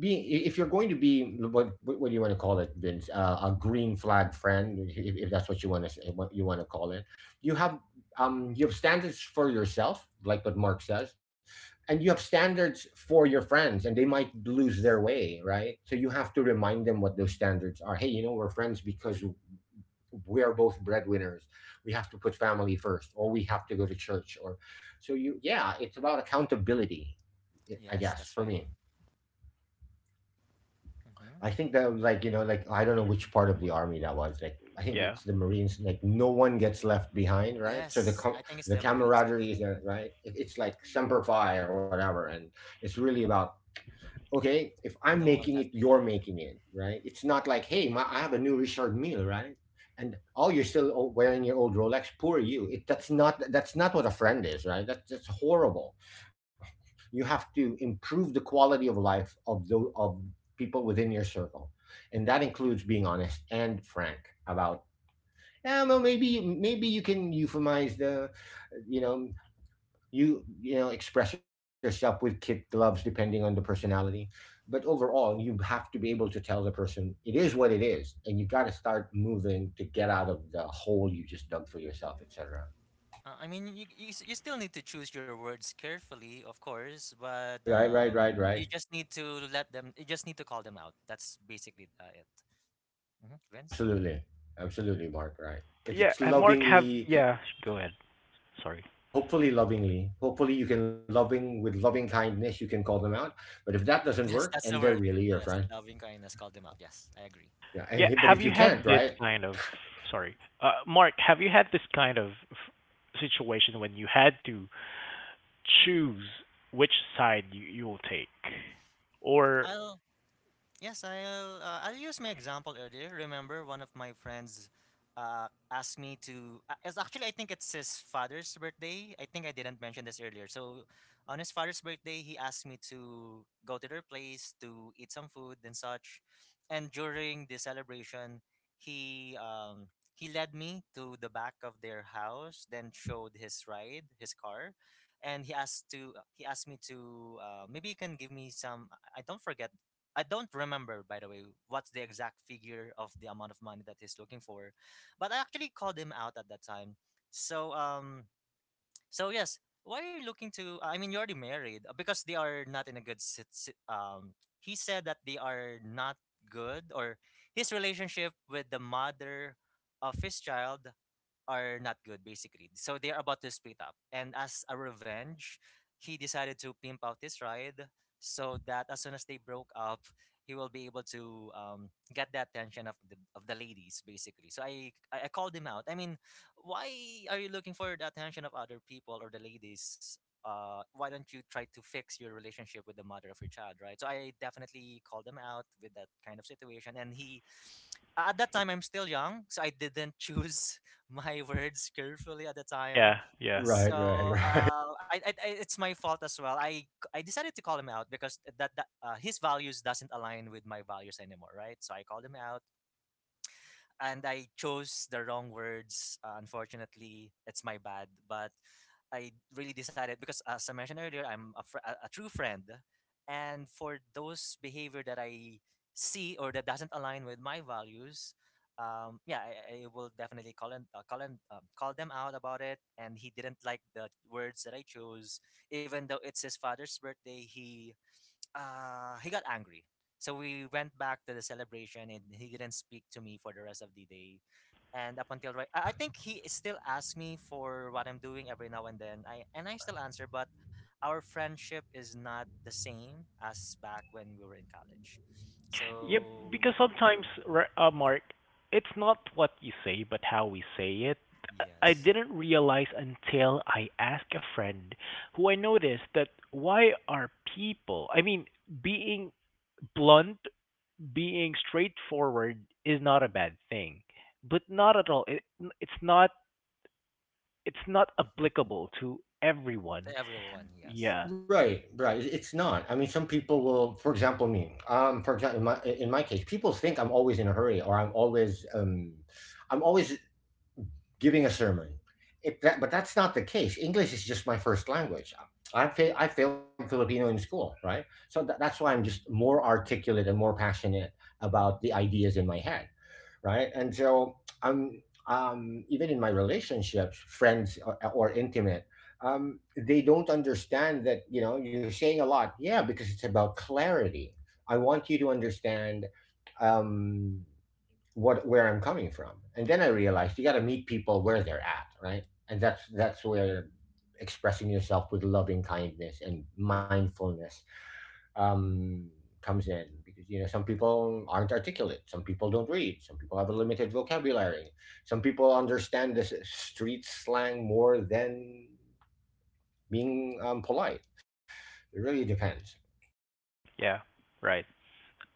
being, if you're going to be, what do you want to call it, Vince, a green flag friend, if that's what you want to say, what you want to call it. You have you have standards for yourself, like what Mark says, and you have standards for your friends, and they might lose their Yes. way, right? So you have to remind them what those standards are. Hey, you know, we're friends because we are both breadwinners. We have to put family first, or we have to go to church, or so you, yeah, it's about accountability. I Yes, guess that's for right. me, Hmm. I think that was like, you know, like I don't know which part of the army that was. Like I think Yeah. it's the Marines. Like no one gets left behind, right? Yes, I think it's The the Marines. Yes, camaraderie is there, right? It, it's like semper fi or whatever, and it's really about, okay, if I'm no making one it, left you're behind. making it, right? It's not like, hey, my, I have a new Richard Mille, right? And oh, you're still wearing your old Rolex. Poor you. It, that's not, that's not what a friend is, right? That's horrible. You have to improve the quality of life of those of people within your circle, and that includes being honest and frank about, yeah, well, maybe maybe you can euphemize the, you know, you know, express yourself with kid gloves depending on the personality, but overall you have to be able to tell the person it is what it is, and you got to start moving to get out of the hole you just dug for yourself, etc. I mean, you still need to choose your words carefully, of course, but right right right right you just need to let them, you just need to call them out, that's basically it. Hmm. Vince. absolutely, absolutely, Mark, right, if Yeah, it's Mark have, lovingly. yeah, go ahead. Sorry. No, hopefully lovingly. Hopefully you can loving, with loving kindness, you can call them out. But if that doesn't Yes, work that's the and they're word. really your Yes, friend. loving kindness, call them out. Yes, I agree. Yeah. Yeah, And but have if you you had can't, this right? kind of, sorry, Mark, have you had this kind of situation when you had to choose which side you, you will take? Or, I'll Yes, I'll use my example earlier. Remember, one of my friends asked me to. It's actually, I think it's his father's birthday. I think I didn't mention this earlier. So, on his father's birthday, he asked me to go to their place to eat some food and such. And during the celebration, he led me to the back of their house, then showed his ride, his car, and he asked me to, maybe you can give me some. I I don't forget I don't remember, by the way, what's the exact figure of the amount of money that he's looking for, but I actually called him out at that time. So, so yes, why are you looking to? I mean, you're already married, because they are not in a good. He said that they are not good, or his relationship with the mother of his child are not good basically. So they're about to split up. And as a revenge, he decided to pimp out this ride so that as soon as they broke up, he will be able to get the attention of the ladies basically. So I called him out. I mean, why are you looking for the attention of other people or the ladies? Why don't you try to fix your relationship with the mother of your child, right? So I definitely called him out with that kind of situation, and he at that time I'm still young, so I didn't choose my words carefully at the time. yeah, yeah. Right, So right, right. It's my fault as well. I decided to call him out because that, that his values doesn't align with my values anymore, right? So I called him out, and I chose the wrong words. Unfortunately, it's my bad. But I really decided because, as I mentioned earlier, I'm a true friend, and for those behavior that I see or that doesn't align with my values, yeah, I will definitely call them out about it. And he didn't like the words that I chose, even though it's his father's birthday. He he got angry. So we went back to the celebration and he didn't speak to me for the rest of the day. And up until right I think he still asks me for what I'm doing every now and then. I and I still answer, but our friendship is not the same as back when we were in college. Yeah, So because sometimes, Mark, it's not what you say, but how we say it. I yes. didn't realize until I asked a friend who I noticed that why are people, I mean, being blunt, being straightforward is not a bad thing, but not at all. It, it's not, it's not Mhm. applicable to everyone. To everyone, yes. Yeah. Right, right. It- It's not. I mean, some people will, for example, me. For example, in my case, people think I'm always in a hurry, or I'm always giving a sermon. It, that, but that's not the case. English is just my first language. I failed Filipino in school, right? So that's why I'm just more articulate and more passionate about the ideas in my head, right? And so I'm even in my relationships, friends or intimate, they don't understand that, you know, you're saying a lot, yeah, because it's about clarity. I want you to understand um, what, where I'm coming from. And then I realized you got to meet people where they're at, right? And that's where expressing yourself with loving kindness and mindfulness um, comes in, because, you know, some people aren't articulate, some people don't read, some people have a limited vocabulary, some people understand this street slang more than being polite. It really depends. Yeah. Right.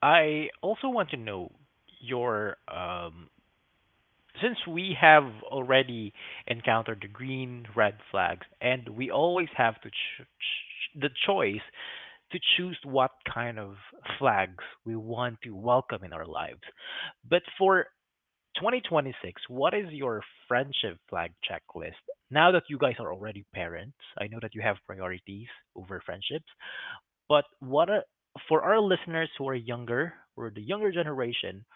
I also want to know your since we have already encountered the green, red flags, and we always have to the choice to choose what kind of flags we want to welcome in our lives. But for 2026, what is your friendship flag checklist? Now that you guys are already parents, I know that you have priorities over friendships, but what are, for our listeners who are younger or the younger generation,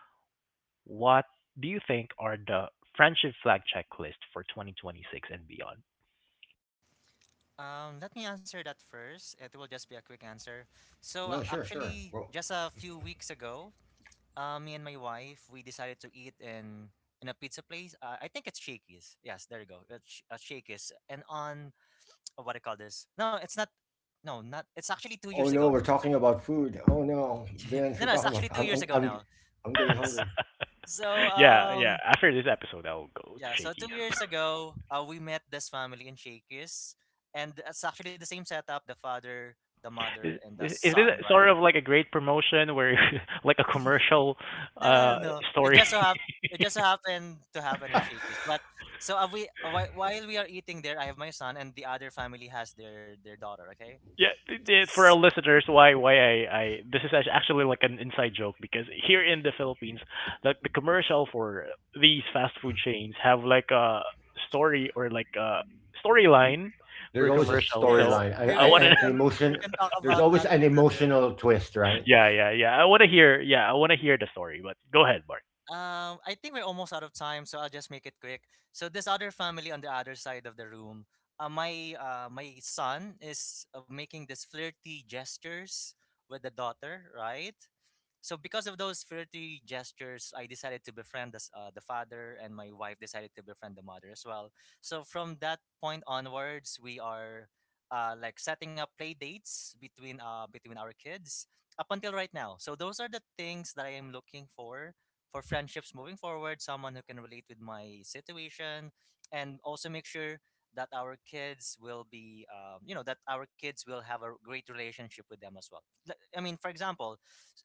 what do you think are the friendship flag checklist for 2026 and beyond? Let me answer that first. It will just be a quick answer. So No, sure, sure. actually, Well, just a few weeks ago, me and my wife, we decided to eat in a pizza place. I think it's Shakey's. Yes, there you go. It's Shakey's. And on what do you call this? No, it's not. No, not. It's actually 2 years oh ago no, we're now. talking about food. Oh no, no, Vince, no, we're it's talking actually about. two years ago now. I'm getting S- hungry. So Yeah, yeah. After this episode, I'll go to yeah. So Shakey's. two years ago, we met this family in Shakey's, and it's actually the same setup: the father, the mother, This- and the Is son, this right? sort of like a great promotion where, like a commercial No, no, no, uh no. It story? just so happened. It just so happened to happen in Shakey's. But so while we are eating there, I have my son, and the other family has their daughter. Okay. Yeah, for S our listeners, why I this is actually like an inside joke, because here in the Philippines, like the commercial for these fast food chains have like a story or like a storyline for There's always a commercial. Yes, So storyline, maybe I want I, to an we emotion. can talk There's about that always in an another. emotional twist, right? yeah yeah yeah I want to hear, yeah, I want to hear the story. But go ahead, Bart. I think we're almost out of time, so I'll just make it quick. So this other family on the other side of the room, my son is making this flirty gestures with the daughter, right? So because of those flirty gestures, I decided to befriend the father, and my wife decided to befriend the mother as well. So from that point onwards, we are like setting up play dates between our kids up until right now. So those are the things that I am looking for friendships moving forward. Someone who can relate with my situation, and also make sure that our kids will be that our kids will have a great relationship with them as well. Like, I mean, for example,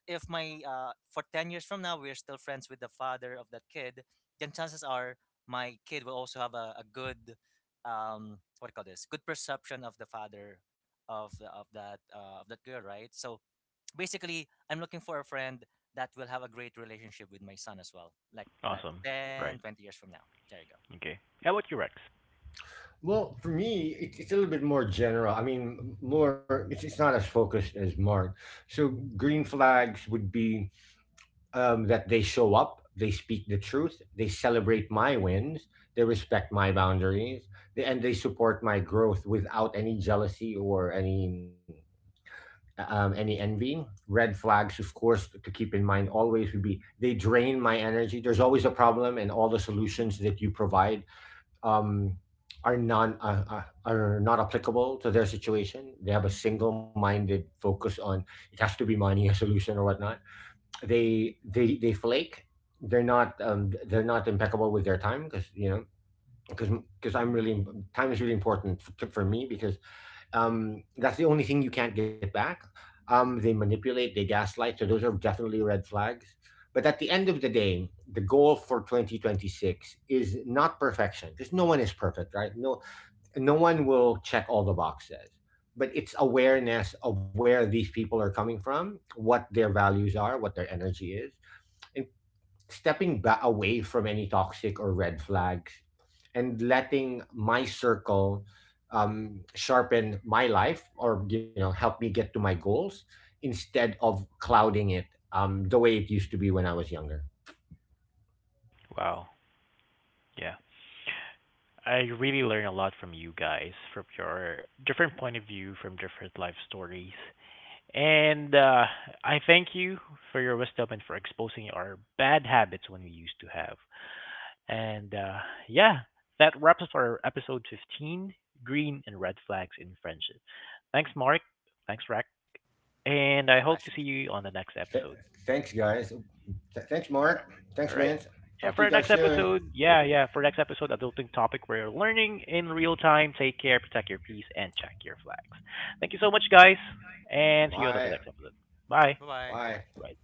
if my for 10 years from now we're still friends with the father of that kid, then chances are my kid will also have a good um, what do you call this, good perception of the father of of that girl, right? So basically I'm looking for a friend that will have a great relationship with my son as well, like that Awesome. ten Right. twenty years from now. There you go. Okay. How about you, Rex? Well, for me, it, it's a little bit more general. I mean, more it's not as focused as Mark. So green flags would be that they show up, they speak the truth, they celebrate my wins, they respect my boundaries, they, and they support my growth without any jealousy or any envy. Red flags, of course, to keep in mind always would be they drain my energy. There's always a problem, and all the solutions that you provide um, are non are not applicable to their situation. They have a single minded focus on, it has to be money, a solution, or whatnot. They flake. They're not impeccable with their time, because you know, because because I'm really, time is really important for me, because that's the only thing you can't get back. They manipulate, they gaslight. So those are definitely red flags. But at the end of the day, the goal for 2026 is not perfection, because no one is perfect, right? No, no one will check all the boxes. But it's awareness of where these people are coming from, what their values are, what their energy is, and stepping back away from any toxic or red flags, and letting my circle sharpen my life, or you know, help me get to my goals instead of clouding it, the way it used to be when I was younger. Wow. Yeah. I really learn a lot from you guys, from your different point of view, from different life stories. And I thank you for your wisdom and for exposing our bad habits when we used to have. And yeah, that wraps up our episode 15, Green and Red Flags in Friendship. Thanks, Mark. Thanks, Rack. And My I hope to pleasure. see you on the next Th- episode. thanks guys. Thanks All Mark, right. thanks All right. Vince, Yeah, talk to for you our Thank you guys next soon. guys. episode, yeah, yeah, for next episode, adulting topic where you're learning in real time. Take care, protect your peace, and check your flags. Thank you so much, guys, and see you on Bye. the next episode. Bye. Bye bye bye Bye. bye All right.